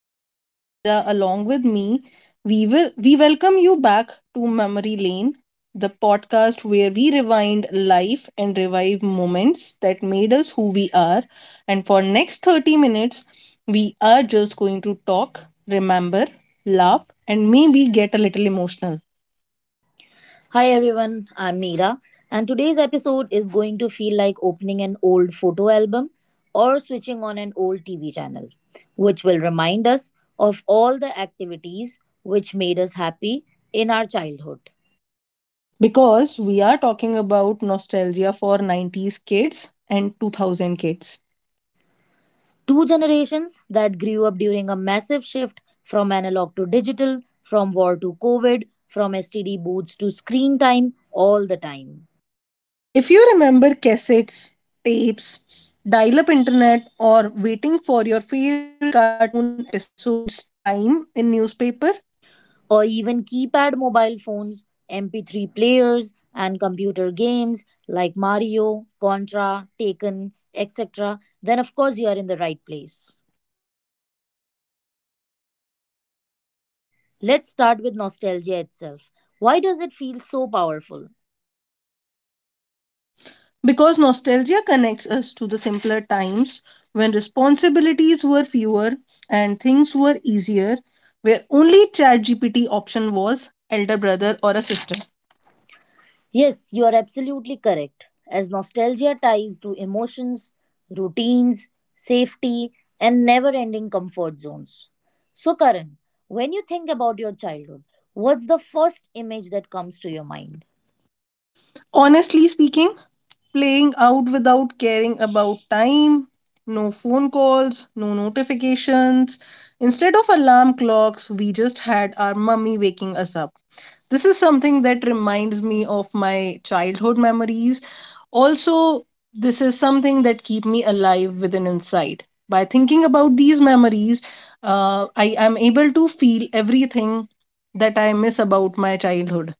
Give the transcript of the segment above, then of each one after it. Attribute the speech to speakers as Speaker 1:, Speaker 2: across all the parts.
Speaker 1: and we have Meera along with me. We welcome you back to Memory Lane, the podcast where we rewind life and revive moments that made us who we are. And for next 30 minutes, we are just going to talk, remember, laugh and maybe get a little emotional
Speaker 2: Hi everyone, I'm Meera, and today's episode is going to feel like opening an old photo album or switching on an old TV channel, which will remind us of all the activities which made us happy in our childhood.
Speaker 1: because we are talking about nostalgia for 90s kids and 2000 kids.
Speaker 2: Two generations that grew up during a massive shift from analog to digital, from war to COVID, from STD booths to screen time all the time.
Speaker 1: If you remember cassettes, tapes, dial up internet, or waiting for your favorite cartoon episode's time in newspaper,
Speaker 2: Or even keypad mobile phones, MP3 players, and computer games like Mario, Contra, Taken, etc., then of course you are in the right place. Let's start with nostalgia itself. Why does it feel so powerful?
Speaker 1: because nostalgia connects us to the simpler times when responsibilities were fewer and things were easier, where only ChatGPT option was elder brother or a sister.
Speaker 2: Yes, you are absolutely correct, as nostalgia ties to emotions, routines, safety, and never ending comfort zones. So, Karan, when you think about your childhood, what's the first image that comes to your mind?
Speaker 1: Honestly speaking, playing out without caring about time, no phone calls, no notifications. Instead of alarm clocks, we just had our mummy waking us up. This is something that reminds me of my childhood memories. Also, this is something that keep me alive within inside. By thinking about these memories, I am able to feel everything that I miss about my childhood.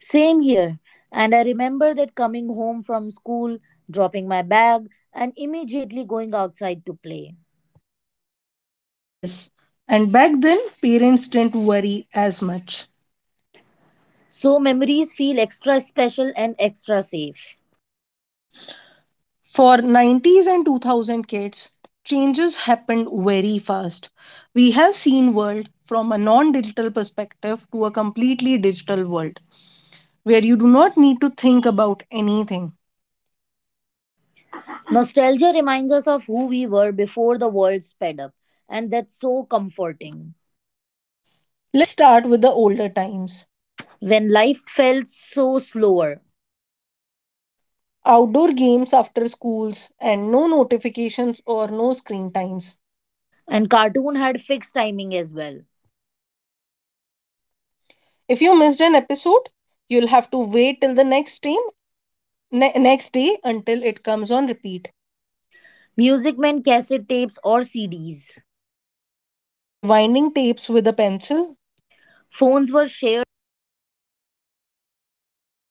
Speaker 2: Same here. And I remember that coming home from school, dropping my bag, and immediately going outside to play.
Speaker 1: Yes, and back then parents didn't worry as much.
Speaker 2: So memories feel extra special and extra safe.
Speaker 1: For 90s and 2000 kids, changes happened very fast. We have seen world from a non-digital perspective to a completely digital world where you do not need to think about anything.
Speaker 2: Nostalgia reminds us of who we were before the world sped up, and that's so comforting.
Speaker 1: Let's start with the older times.
Speaker 2: When life felt so slower,
Speaker 1: Outdoor games after schools and no notifications or no screen times.
Speaker 2: and cartoon had fixed timing as well.
Speaker 1: If you missed an episode, you'll have to wait till the next stream next day until it comes on repeat.
Speaker 2: Music meant cassette tapes or CDs.
Speaker 1: Rewinding tapes with a pencil?
Speaker 2: Phones were shared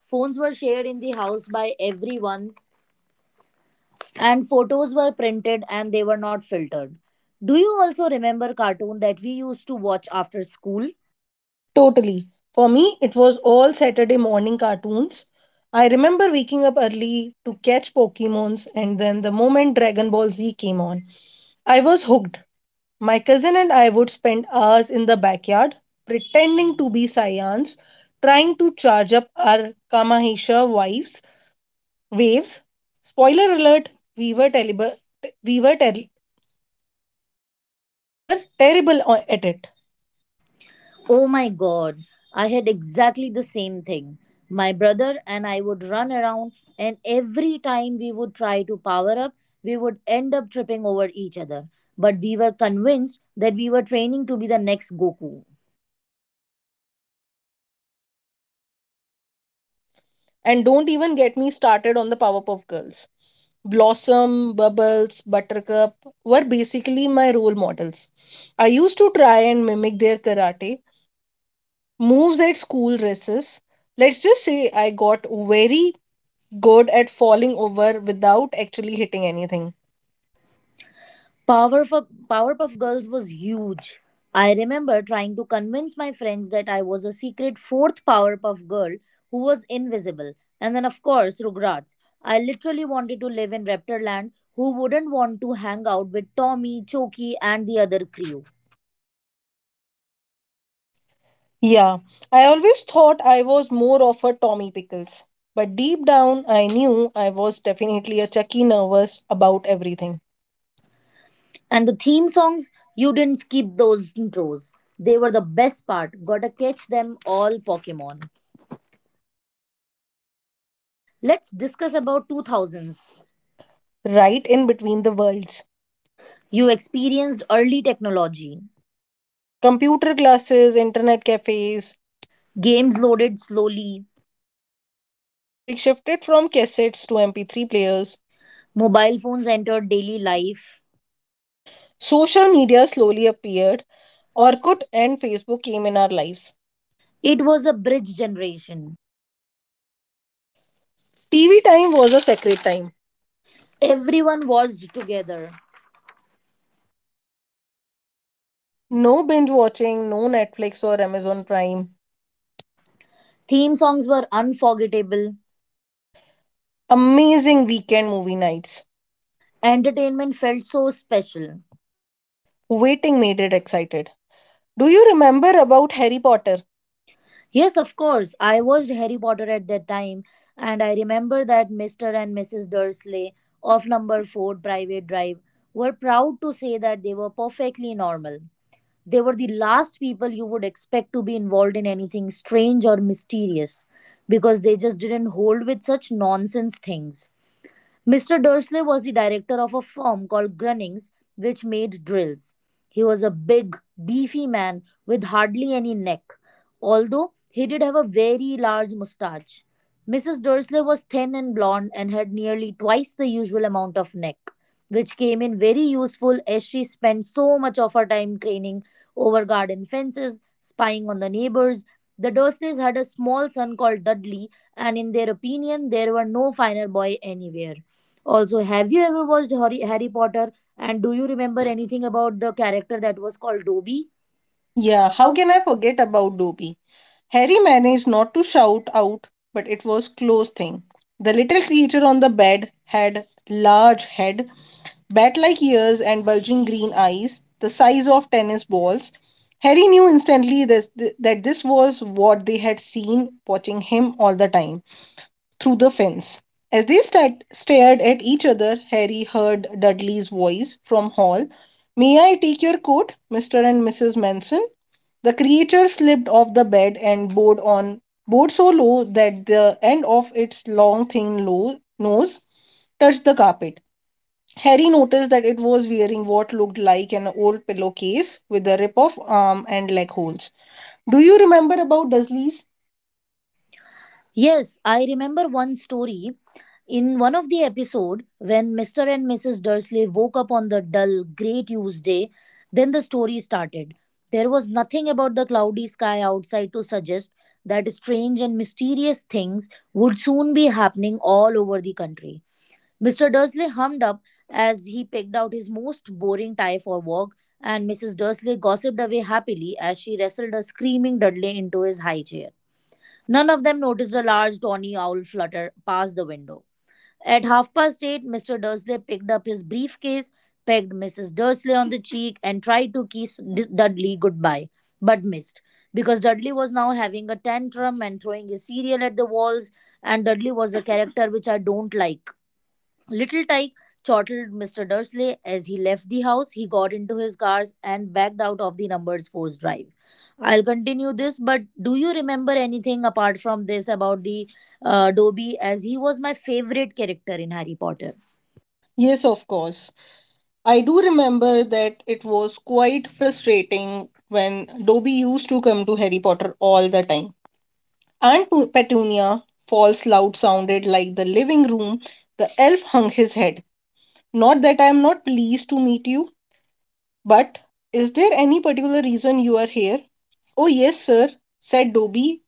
Speaker 2: phones were shared in the house by everyone, and photos were printed and they were not filtered. Do you also remember cartoon that we used to watch after school?
Speaker 1: Totally. For me, it was all Saturday morning cartoons. I remember waking up early to catch Pokemons, and then the moment Dragon Ball Z came on, I was hooked. My cousin and I would spend hours in the backyard pretending to be Saiyans, trying to charge up our Kamahisha waves. Spoiler alert, we were terrible. we were ter- We were terrible at it.
Speaker 2: Oh my god, I had exactly the same thing. My brother and I would run around, and every time we would try to power up, we would end up tripping over each other. But we were convinced that we were training to be the next Goku.
Speaker 1: And don't even get me started on the Powerpuff Girls. Blossom, Bubbles, Buttercup were basically my role models. I used to try and mimic their karate moves at school races. Let's just say I got very good at falling over without actually hitting anything.
Speaker 2: Powerpuff Girls was huge. I remember trying to convince my friends that I was a secret fourth Powerpuff girl who was invisible. And then, of course, Rugrats. I literally wanted to live in Raptorland. Who wouldn't want to hang out with Tommy, Choki, and the other crew?
Speaker 1: Yeah, I always thought I was more of a Tommy Pickles. But deep down, I knew I was definitely a Chucky nervous about everything.
Speaker 2: And the theme songs, you didn't skip those intros. They were the best part. Gotta catch them all Pokemon. Let's discuss about 2000s.
Speaker 1: Right in between the worlds.
Speaker 2: You experienced early technology.
Speaker 1: Computer classes, internet cafes,
Speaker 2: Games loaded slowly.
Speaker 1: music shifted from cassettes to MP3 players,
Speaker 2: Mobile phones entered daily life.
Speaker 1: social media slowly appeared, Orkut and Facebook came in our lives.
Speaker 2: It was a bridge generation.
Speaker 1: TV time was a sacred time.
Speaker 2: Everyone watched together.
Speaker 1: No binge watching, no Netflix or Amazon Prime.
Speaker 2: Theme songs were unforgettable.
Speaker 1: Amazing weekend movie nights.
Speaker 2: Entertainment felt so special.
Speaker 1: Waiting made it excited. Do you remember about Harry Potter?
Speaker 2: Yes, of course, I watched Harry Potter at that time, and I remember that Mr. and Mrs. Dursley of number 4 Private Drive were proud to say that they were perfectly normal. They were the last people you would expect to be involved in anything strange or mysterious because they just didn't hold with such nonsense things. Mr. Dursley was the director of a firm called Grunnings, which made drills. He was a big, beefy man with hardly any neck, although he did have a very large mustache. Mrs. Dursley was thin and blonde and had nearly twice the usual amount of neck, which came in very useful as she spent so much of her time craning over garden fences, spying on the neighbors. The Dursleys had a small son called Dudley, and in their opinion, there were no finer boy anywhere. Also, have you ever watched Harry Potter? And do you remember anything about the character that was called Dobby?
Speaker 1: Yeah, how can I forget about Dobby? Harry managed not to shout out, but it was close thing. The little creature on the bed had large head, bat-like ears and bulging green eyes, the size of tennis balls. Harry knew instantly this, that this was what they had seen watching him all the time through the fence. As they stared at each other, Harry heard Dudley's voice from hall. May I take your coat, Mr. and Mrs. Manson? The creature slipped off the bed and bowed so low that the end of its long thin low nose touched the carpet. Harry noticed that it was wearing what looked like an old pillowcase with a rip of arm and leg holes. Do you remember about Dudley's?
Speaker 2: Yes, I remember one story in one of the episode when Mr. and Mrs. Dursley woke up on the dull grey Tuesday, then the story started. There was nothing about the cloudy sky outside to suggest that strange and mysterious things would soon be happening all over the country. Mr. Dursley hummed up as he picked out his most boring tie for work, and Mrs. Dursley gossiped away happily as she wrestled a screaming Dudley into his high chair. None of them noticed a large tawny owl flutter past the window. At half past eight, Mr. Dursley picked up his briefcase, pegged Mrs. Dursley on the cheek, and tried to kiss Dudley goodbye, but missed because Dudley was now having a tantrum and throwing his cereal at the walls, and Dudley was a character which I don't like. Little Tyke, chortled Mr. Dursley as he left the house. He got into his cars and backed out of the numbers force drive. I'll continue this, but do you remember anything apart from this about the Dobby, as he was my favorite character in Harry Potter?
Speaker 1: Yes, of course. I do remember that it was quite frustrating when Dobby used to come to Harry Potter all the time. Aunt Petunia false loud sounded like the living room. The elf hung his head. Not that I am not pleased to meet you, but is there any particular reason you are here? Oh, yes, sir, said Dobby.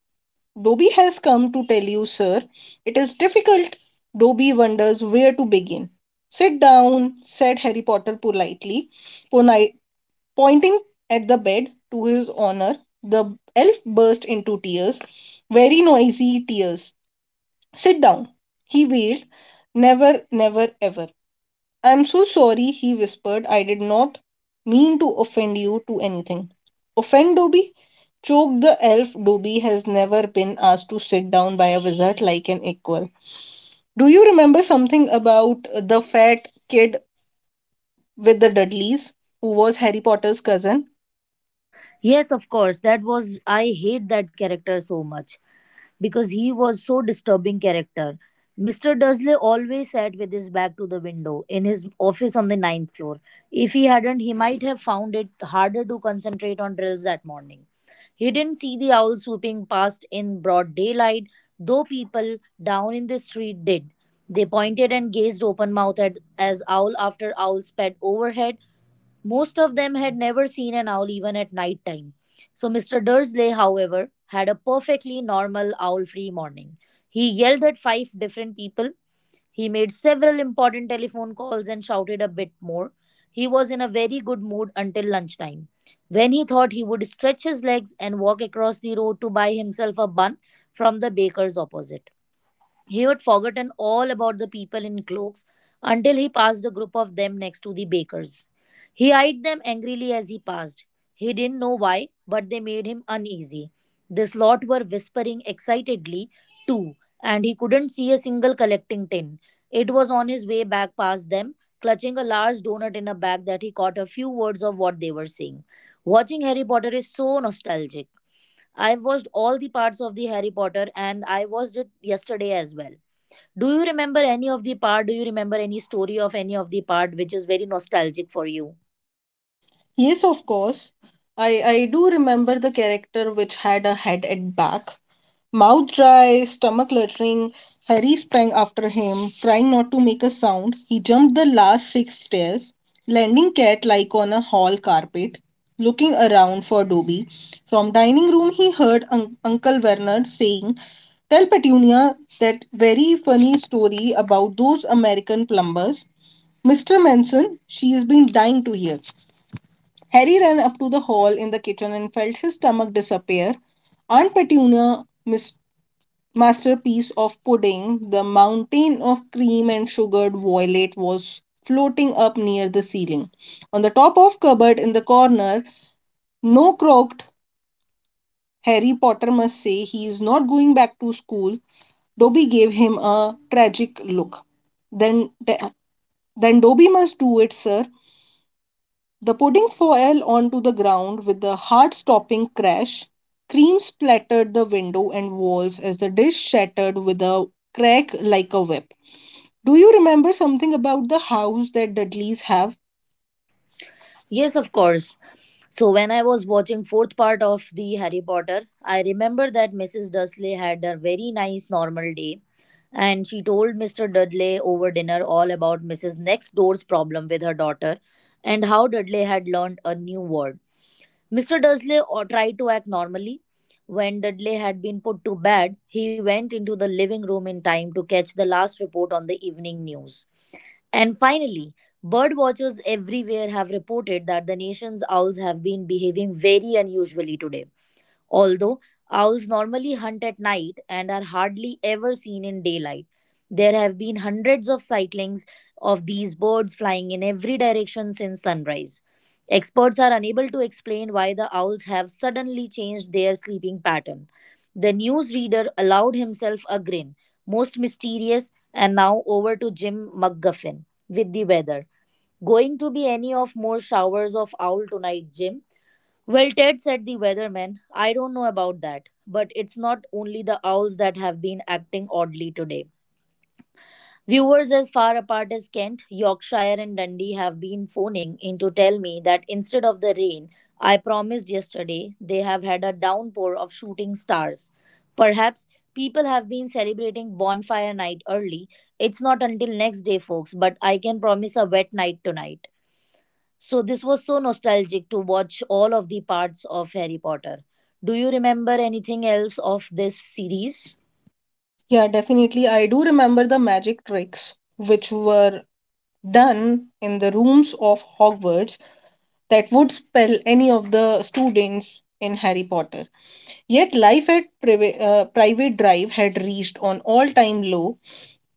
Speaker 1: Dobby has come to tell you, sir. It is difficult. Dobby wonders where to begin. Sit down, said Harry Potter politely. Poni- Pointing at the bed to his honor, the elf burst into tears, very noisy tears. Sit down, he wailed. Never, never, ever. I am so sorry, he whispered. I did not mean to offend you to anything. Offend Dobby? Choked the elf, Dobby has never been asked to sit down by a wizard like an equal. Do you remember something about the fat kid with the Dudleys, who was Harry Potter's cousin?
Speaker 2: Yes, of course. That was, I hate that character so much because he was so disturbing character. Mr. Dursley always sat with his back to the window in his office on the ninth floor. If he hadn't, he might have found it harder to concentrate on drills that morning. He didn't see the owl swooping past in broad daylight, though people down in the street did. They pointed and gazed open mouthed as owl after owl sped overhead, most of them had never seen an owl even at night time. So Mr. Dursley, however, had a perfectly normal owl free morning. He yelled at five different people. He made several important telephone calls and shouted a bit more. He was in a very good mood until lunchtime, when he thought he would stretch his legs and walk across the road to buy himself a bun from the baker's opposite. He had forgotten all about the people in cloaks until he passed a group of them next to the baker's. He eyed them angrily as he passed. He didn't know why, but they made him uneasy. This lot were whispering excitedly, too, and he couldn't see a single collecting tin. It was on his way back past them, clutching a large donut in a bag, that he caught a few words of what they were saying. Watching Harry Potter is so nostalgic. I've watched all the parts of the Harry Potter and I watched it yesterday as well. Do you remember any of the part? Do you remember any story of any of the part which is very nostalgic for you?
Speaker 1: Yes, of course. I do remember the character which had a head at back, mouth dry, stomach luttering. Harry sprang after him, trying not to make a sound. He jumped the last six stairs, landing cat like on a hall carpet, looking around for Dobby. From dining room, he heard Uncle Werner saying, "Tell Petunia that very funny story about those American plumbers, Mr. Manson. She has been dying to hear." Harry ran up to the hall in the kitchen and felt his stomach disappear. Aunt Petunia, masterpiece of pudding, the mountain of cream and sugared violet was floating up near the ceiling. On the top of cupboard in the corner, no croaked Harry Potter must say he is not going back to school. Dobby gave him a tragic look. Then, then Dobby must do it, sir. The pudding fell onto the ground with a heart stopping crash. Cream splattered the window and walls as the dish shattered with a crack like a whip. Do you remember something about the house that Dudleys have?
Speaker 2: Yes, of course. So when I was watching fourth part of the Harry Potter, I remember that Mrs. Dursley had a very nice normal day and she told Mr. Dudley over dinner all about Mrs. Next Door's problem with her daughter and how Dudley had learned a new word. Mr. Dursley or tried to act normally. When Dudley had been put to bed, he went into the living room in time to catch the last report on the evening news. And finally, bird watchers everywhere have reported that the nation's owls have been behaving very unusually today. Although owls normally hunt at night and are hardly ever seen in daylight, there have been hundreds of sightings of these birds flying in every direction since sunrise. Experts are unable to explain why the owls have suddenly changed their sleeping pattern. The newsreader allowed himself a grin. Most mysterious, and now over to Jim McGuffin with the weather. Going to be any of more showers of owl tonight, Jim? Well, Ted, said the weatherman. I don't know about that, but it's not only the owls that have been acting oddly today. Viewers as far apart as Kent, Yorkshire, and Dundee have been phoning in to tell me that instead of the rain I promised yesterday, they have had a downpour of shooting stars. Perhaps people have been celebrating bonfire night early. It's not until next day, folks, but I can promise a wet night tonight. So this was so nostalgic to watch all of the parts of Harry Potter. Do you remember anything else of this series?
Speaker 1: Yeah, definitely. I do remember the magic tricks which were done in the rooms of Hogwarts that would spell any of the students in Harry Potter. Yet life at Private Drive had reached an all time low.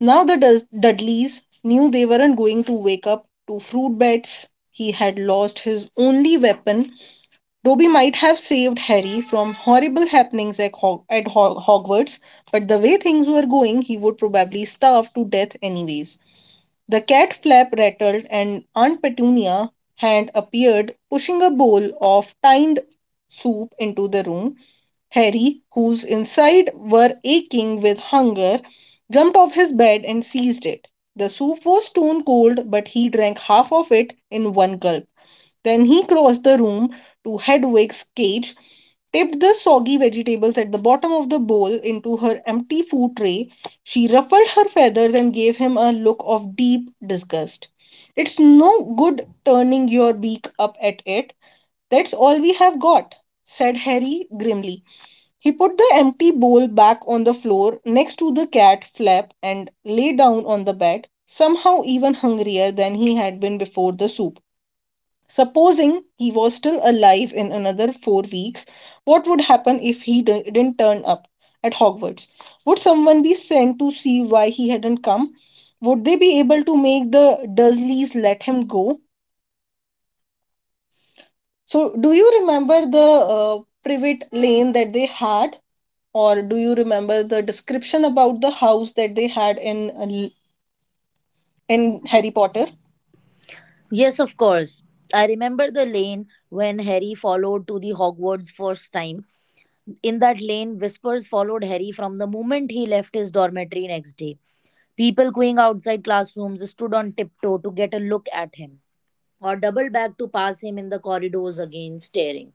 Speaker 1: Now the Dudleys knew they weren't going to wake up to fruit bats. He had lost his only weapon. Dobby might have saved Harry from horrible happenings at Hogwarts, but the way things were going, he would probably starve to death anyways. The cat flap rattled, and Aunt Petunia had appeared, pushing a bowl of tinned soup into the room. Harry, whose inside were aching with hunger, jumped off his bed and seized it. The soup was stone cold, but he drank half of it in one gulp. Then he crossed the room to Hedwig's cage, tipped the soggy vegetables at the bottom of the bowl into her empty food tray. She ruffled her feathers and gave him a look of deep disgust. It's no good turning your beak up at it. That's all we have got, said Harry grimly. He put the empty bowl back on the floor next to the cat flap and lay down on the bed, somehow even hungrier than he had been before the soup. Supposing he was still alive in another 4 weeks, what would happen if he didn't turn up at Hogwarts? Would someone be sent to see why he hadn't come? Would they be able to make the Dursleys let him go? So, do you remember the privet lane that they had? Or do you remember the description about the house that they had in Harry Potter?
Speaker 2: Yes, of course. I remember the lane when Harry followed to the Hogwarts first time. In that lane, whispers followed Harry from the moment he left his dormitory next day. People going outside classrooms stood on tiptoe to get a look at him, or doubled back to pass him in the corridors again, staring.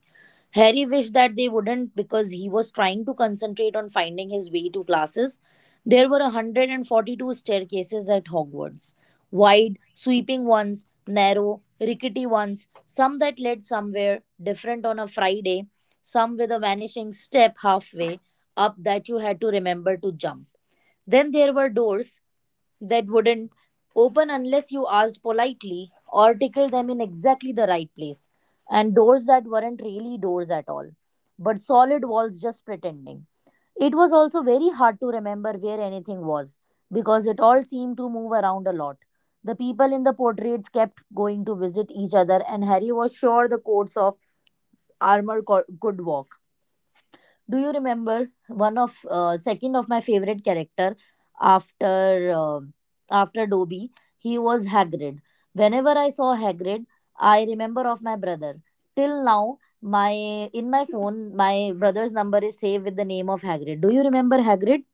Speaker 2: Harry wished that they wouldn't because he was trying to concentrate on finding his way to classes. There were 142 staircases at Hogwarts, wide, sweeping ones, narrow, rickety ones, some that led somewhere different on a Friday, some with a vanishing step halfway up that you had to remember to jump. Then there were doors that wouldn't open unless you asked politely or tickled them in exactly the right place, and doors that weren't really doors at all, but solid walls just pretending. It was also very hard to remember where anything was because it all seemed to move around a lot. The people in the portraits kept going to visit each other, and Harry was sure the coats of armor could walk. Do you remember one of, second of my favorite character after, after Dobby? He was Hagrid. Whenever I saw Hagrid, I remember of my brother. Till now, my in my phone, my brother's number is saved with the name of Hagrid. Do you remember Hagrid?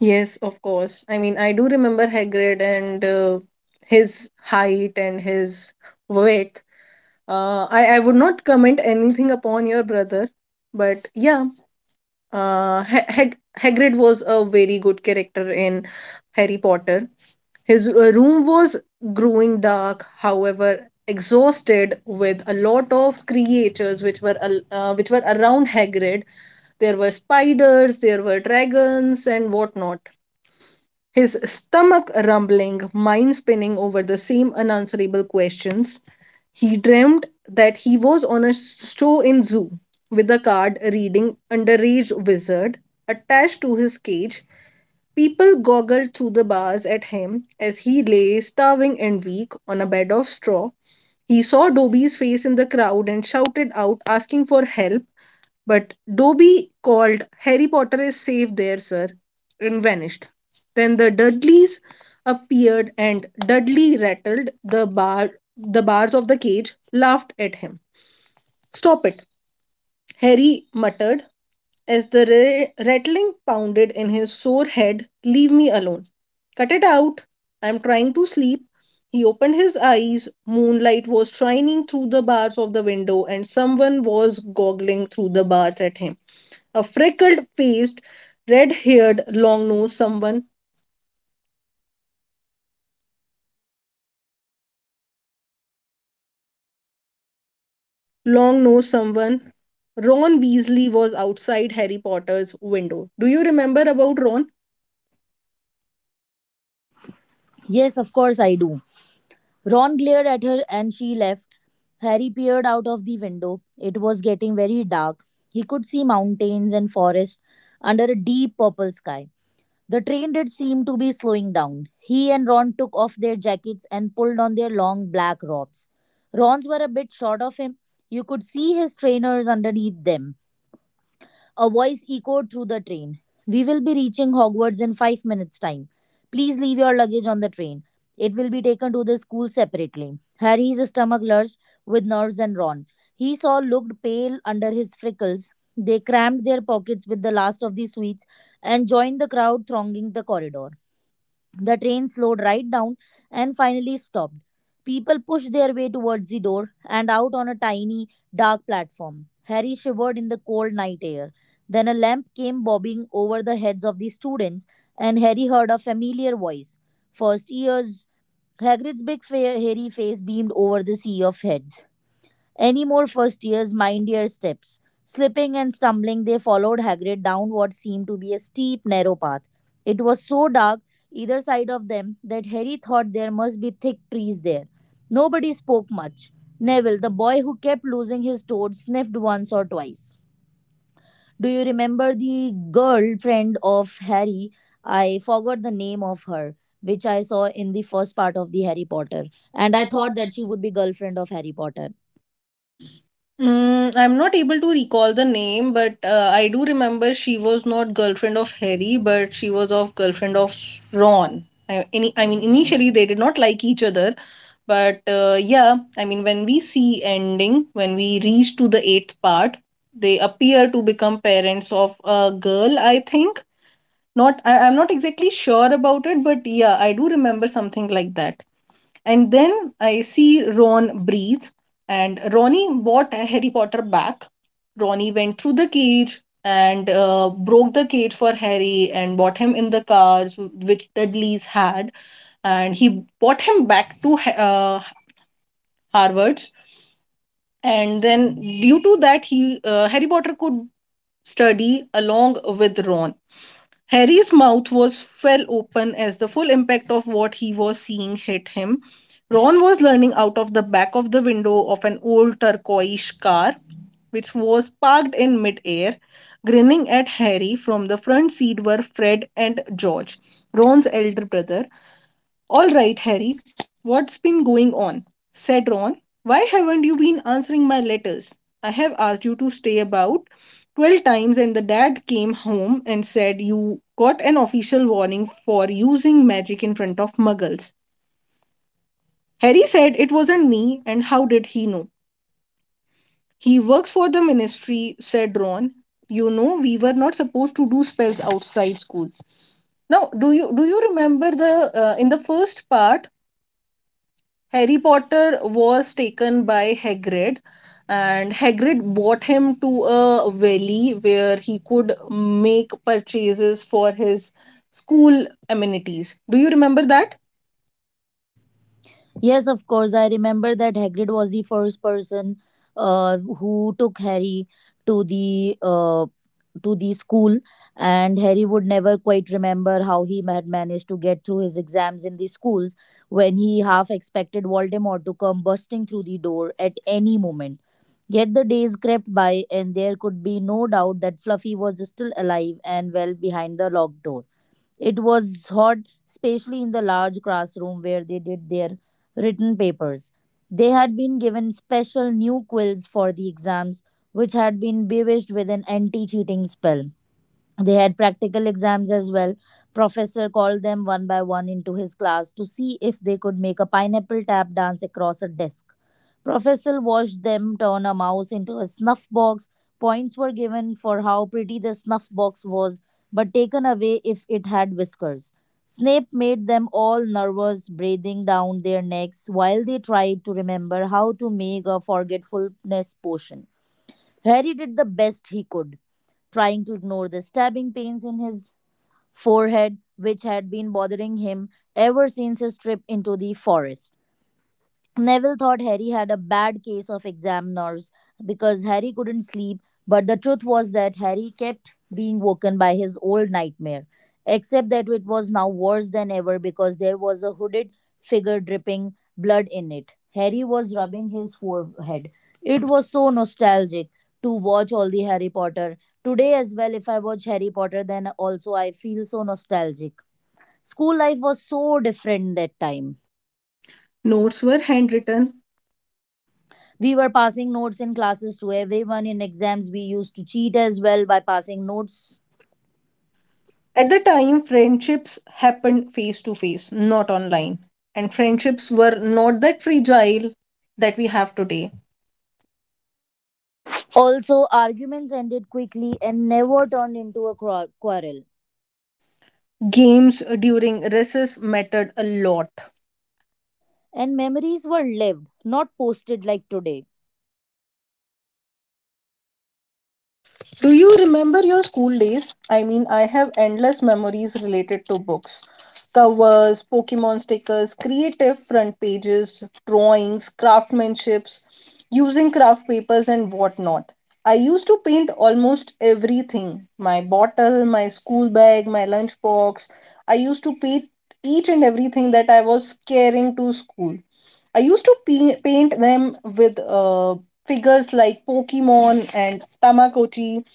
Speaker 1: Yes, of course. I mean, I do remember Hagrid and his height and his weight. I would not comment anything upon your brother, but yeah, Hagrid was a very good character in Harry Potter. His room was growing dark, however, exhausted with a lot of creatures which were around Hagrid. There were spiders, there were dragons, and whatnot. His stomach rumbling, mind spinning over the same unanswerable questions. He dreamt that he was on a show in zoo with a card reading underage wizard attached to his cage. People goggled through the bars at him as he lay starving and weak on a bed of straw. He saw Dobie's face in the crowd and shouted out, asking for help. But Dobie called, Harry Potter is safe there, sir, and vanished. Then the Dudleys appeared and Dudley rattled the bars of the cage, laughed at him. Stop it, Harry muttered as the rattling pounded in his sore head. Leave me alone. Cut it out. I'm trying to sleep. He opened his eyes. Moonlight was shining through the bars of the window, and someone was goggling through the bars at him. A freckled faced, red haired, long nosed someone. Long nosed someone. Ron Weasley was outside Harry Potter's window. Do you remember about Ron?
Speaker 2: Yes, of course I do. Ron glared at her and she left. Harry peered out of the window. It was getting very dark. He could see mountains and forest under a deep purple sky. The train did seem to be slowing down. He and Ron took off their jackets and pulled on their long black robes. Ron's were a bit short of him. You could see his trainers underneath them. A voice echoed through the train. We will be reaching Hogwarts in 5 minutes' time. Please leave your luggage on the train. It will be taken to the school separately. Harry's stomach lurched with nerves and Ron. He saw looked pale under his freckles. They crammed their pockets with the last of the sweets and joined the crowd thronging the corridor. The train slowed right down and finally stopped. People pushed their way towards the door and out on a tiny, dark platform. Harry shivered in the cold night air. Then a lamp came bobbing over the heads of the students, and Harry heard a familiar voice. First years, Hagrid's big, fair, hairy face beamed over the sea of heads. Any more first years mind your steps. Slipping and stumbling, they followed Hagrid down what seemed to be a steep, narrow path. It was so dark either side of them that Harry thought there must be thick trees there. Nobody spoke much. Neville, the boy who kept losing his toad, sniffed once or twice. Do you remember the girlfriend of Harry? I forgot the name of her, which I saw in the first part of the Harry Potter,
Speaker 1: And
Speaker 2: and I
Speaker 1: I thought
Speaker 2: thought that
Speaker 1: that.
Speaker 2: she would be girlfriend of Harry Potter.
Speaker 1: Mm, I'm not able to recall the name, but I do remember she was not girlfriend of Harry, but she was of girlfriend of Ron. I mean, initially they did not like each other, but yeah, I mean, when we see ending, when we reach to the eighth part, they appear to become parents of a girl. I think not. I'm not exactly sure about it, but yeah, I do remember something like that. And then I see Ron breathe, and Ronnie bought Harry Potter back. Ronnie went through the cage and broke the cage for Harry and bought him in the cars which Dudley's had, and he bought him back to Harvard's. And then, due to that, he Harry Potter could study along with Ron. Harry's mouth was fell open as the full impact of what he was seeing hit him. Ron was leaning out of the back of the window of an old turquoise car, which was parked in midair, grinning at Harry from the front seat were Fred and George, Ron's elder brother. All right, Harry, what's been going on? Said Ron. Why haven't you been answering my letters? I have asked you to stay about 12 times, and the dad came home and said you got an official warning for using magic in front of muggles. Harry said it wasn't me, and how did he know? He works for the ministry, said Ron. You know, we were not supposed to do spells outside school. Now, do you remember the in the first part Harry Potter was taken by Hagrid, and Hagrid brought him to a valley where he could make purchases for his school amenities. Do you remember that?
Speaker 2: Yes, of course. I remember that Hagrid was the first person who took Harry to the uh, to the school, and Harry would never quite remember how he had managed to get through his exams in the schools when he half expected Voldemort to come busting through the door at any moment. Yet the days crept by, and there could be no doubt that Fluffy was still alive and well behind the locked door. It was hot, especially in the large classroom where they did their written papers. They had been given special new quills for the exams, which had been bewitched with an anti cheating spell. They had practical exams as well. Professor called them one by one into his class to see if they could make a pineapple tap dance across a desk. Professor watched them turn a mouse into a snuff box. Points were given for how pretty the snuff box was, but taken away if it had whiskers. Snape made them all nervous, breathing down their necks while they tried to remember how to make a forgetfulness potion. Harry did the best he could trying to ignore the stabbing pains in his forehead, which had been bothering him ever since his trip into the forest. Neville thought Harry had a bad case of exam nerves because Harry couldn't sleep, but the truth was that Harry kept being woken by his old nightmare. Except that it was now worse than ever because there was a hooded figure dripping blood in it. Harry was rubbing his forehead. It was so nostalgic to watch all the Harry Potter. Today, as well, if I watch Harry Potter, then also I feel so nostalgic. School life was so different that time.
Speaker 1: Notes were handwritten.
Speaker 2: We were passing notes in classes to everyone. In exams, we used to cheat as well by passing notes.
Speaker 1: At the time, friendships happened face to face, not online. And friendships were not that fragile that we have today.
Speaker 2: Also, arguments ended quickly and never turned into a quarrel.
Speaker 1: Games during recess mattered a lot.
Speaker 2: And memories were lived, not posted like today.
Speaker 1: Do you remember your school days? I mean, I have endless memories related to books. Covers, Pokemon stickers, creative front pages, drawings, craftsmanships, using craft papers, and whatnot. I used to paint almost everything, my bottle, my school bag, my lunchbox. I used to paint each and everything that I was carrying to school. I used to paint them with figures like Pokemon and Tamagotchi.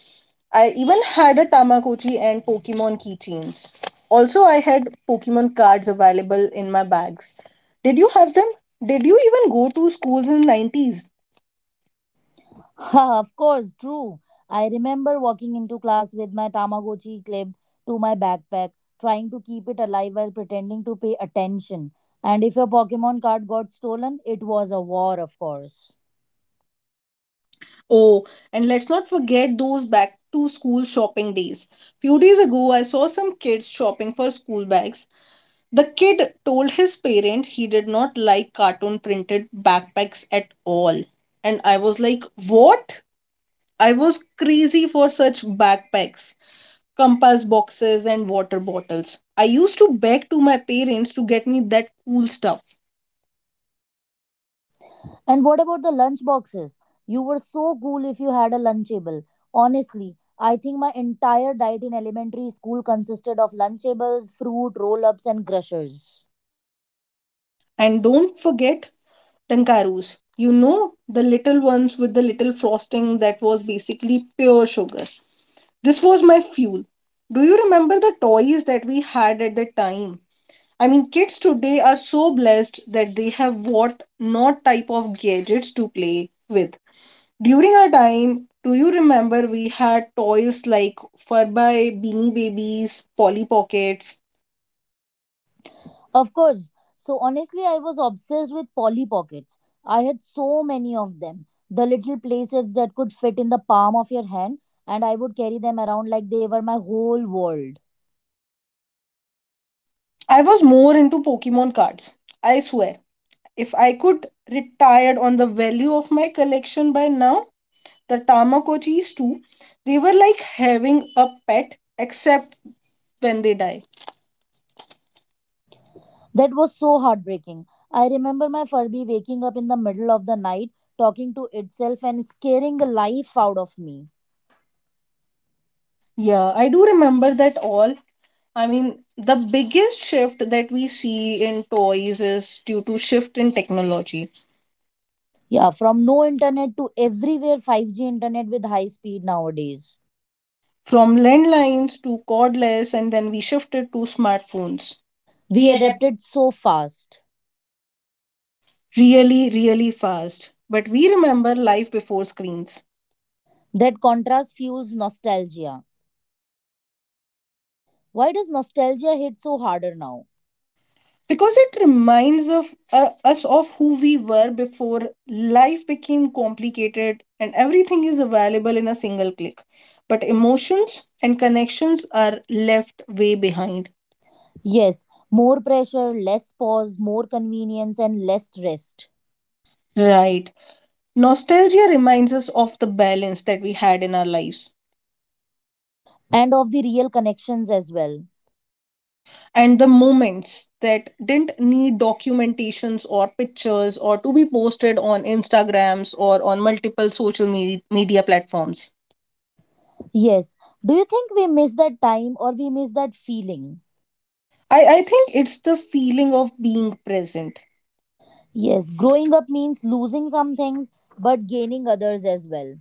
Speaker 1: I even had a Tamagotchi and Pokemon keychains. Also, I had Pokemon cards available in my bags. Did you have them? Did you even go to schools in '90s?
Speaker 2: Of course, true. I remember walking into class with my Tamagotchi clipped to my backpack, trying to keep it alive while pretending to pay attention. And if your Pokemon card got stolen, it was a war, of course.
Speaker 1: Oh, and let's not forget those back to school shopping days. Few days ago, I saw some kids shopping for school bags. The kid told his parent he did not like cartoon printed backpacks at all. And I was like, "What?" I was crazy for such backpacks, compass boxes and water bottles. I used to beg to my parents to get me that cool stuff.
Speaker 2: And what about the lunch boxes? You were so cool if you had a lunchable. Honestly, I think my entire diet in elementary school consisted of lunchables, fruit, roll ups, and crushers.
Speaker 1: And don't forget Tankarus. You know, the little ones with the little frosting that was basically pure sugar. This was my fuel. Do you remember the toys that we had at the time? I mean, kids today are so blessed that they have what not type of gadgets to play with. During our time, do you remember we had toys like Furby, Beanie Babies, Polly Pockets?
Speaker 2: Of course, so honestly, I was obsessed with Polly Pockets. I had so many of them. The little playsets that could fit in the palm of your hand, and I would carry them around like they were my whole world.
Speaker 1: I was more into Pokemon cards. I swear, if I could retired on the value of my collection by now, the Tamagotchis too, they were like having a pet except when they die.
Speaker 2: That was so heartbreaking. I remember my Furby waking up in the middle of the night, talking to itself and scaring the life out of me.
Speaker 1: Yeah, I do remember that all. I mean, the biggest shift that we see in toys is due to shift in technology,
Speaker 2: Yeah, from no internet to everywhere 5G internet with high speed nowadays.
Speaker 1: from landlines to cordless, and then we shifted to smartphones.
Speaker 2: We
Speaker 1: We adapted.
Speaker 2: adapted so fast.
Speaker 1: Really, really fast. But we remember life before screens
Speaker 2: That contrast fuels nostalgia. Why does nostalgia hit so harder now?
Speaker 1: because it reminds of us of who we were before life became complicated and everything is available in a single click. But emotions and connections are left way behind.
Speaker 2: Yes, more pressure, less pause, more convenience, and less rest.
Speaker 1: Right. Nostalgia reminds us of the balance that we had in our lives,
Speaker 2: And of the real connections as well.
Speaker 1: and the moments that didn't need documentations or pictures or to be posted on Instagrams or on multiple social media platforms.
Speaker 2: Yes. Do you think we miss that time or we miss that feeling?
Speaker 1: I think it's the feeling of being present.
Speaker 2: Yes, growing up means losing some things but gaining others as well.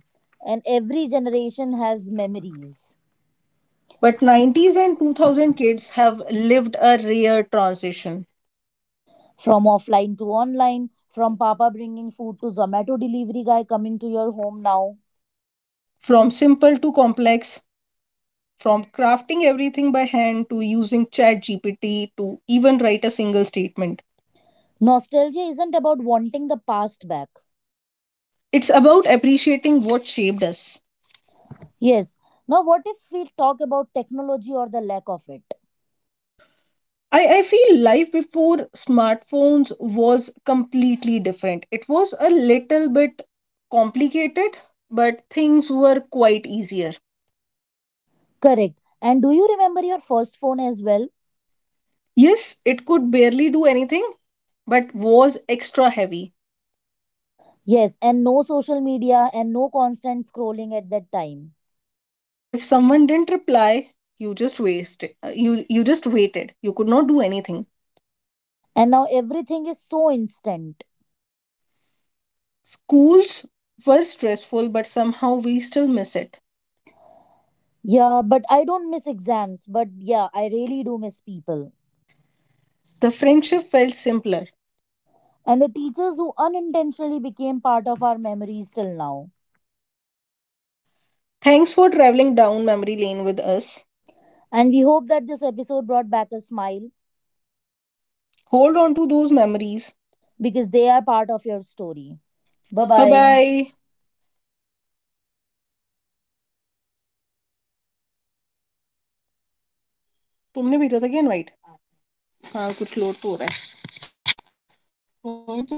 Speaker 2: And every generation has memories
Speaker 1: But '90s and 2000 kids have lived a rare transition
Speaker 2: from offline to online, from Papa bringing food to Zomato delivery guy coming to your home now.
Speaker 1: from simple to complex, from crafting everything by hand to using ChatGPT to even write a single statement.
Speaker 2: Nostalgia isn't about wanting the past back.
Speaker 1: It's about appreciating what shaped us.
Speaker 2: Yes. Now, what if we talk about technology or the lack of it?
Speaker 1: I feel life before smartphones was completely different. It was a little bit complicated, but things were quite easier.
Speaker 2: Correct. And do you remember your first phone as well?
Speaker 1: Yes, it could barely do anything, but was extra heavy.
Speaker 2: Yes, and no social media and no constant scrolling at that time.
Speaker 1: And if someone didn't reply, you just wasted. You just waited. You could not do anything.
Speaker 2: And now everything is so instant.
Speaker 1: Schools were stressful, but somehow we still miss it.
Speaker 2: Yeah, but I don't miss exams, but yeah, I really do miss people.
Speaker 1: The friendship felt simpler.
Speaker 2: And the teachers who unintentionally became part of our memories till now.
Speaker 1: Thanks for traveling down memory lane with us.
Speaker 2: And we hope that this episode brought back a smile
Speaker 1: hold on to those memories.
Speaker 2: because they are part of your story. Bye
Speaker 1: Bye bye
Speaker 2: bye.
Speaker 1: Bye. तुमने भेजा था क्या invite? हाँ, कुछ load तो हो रहा है भाई अपन.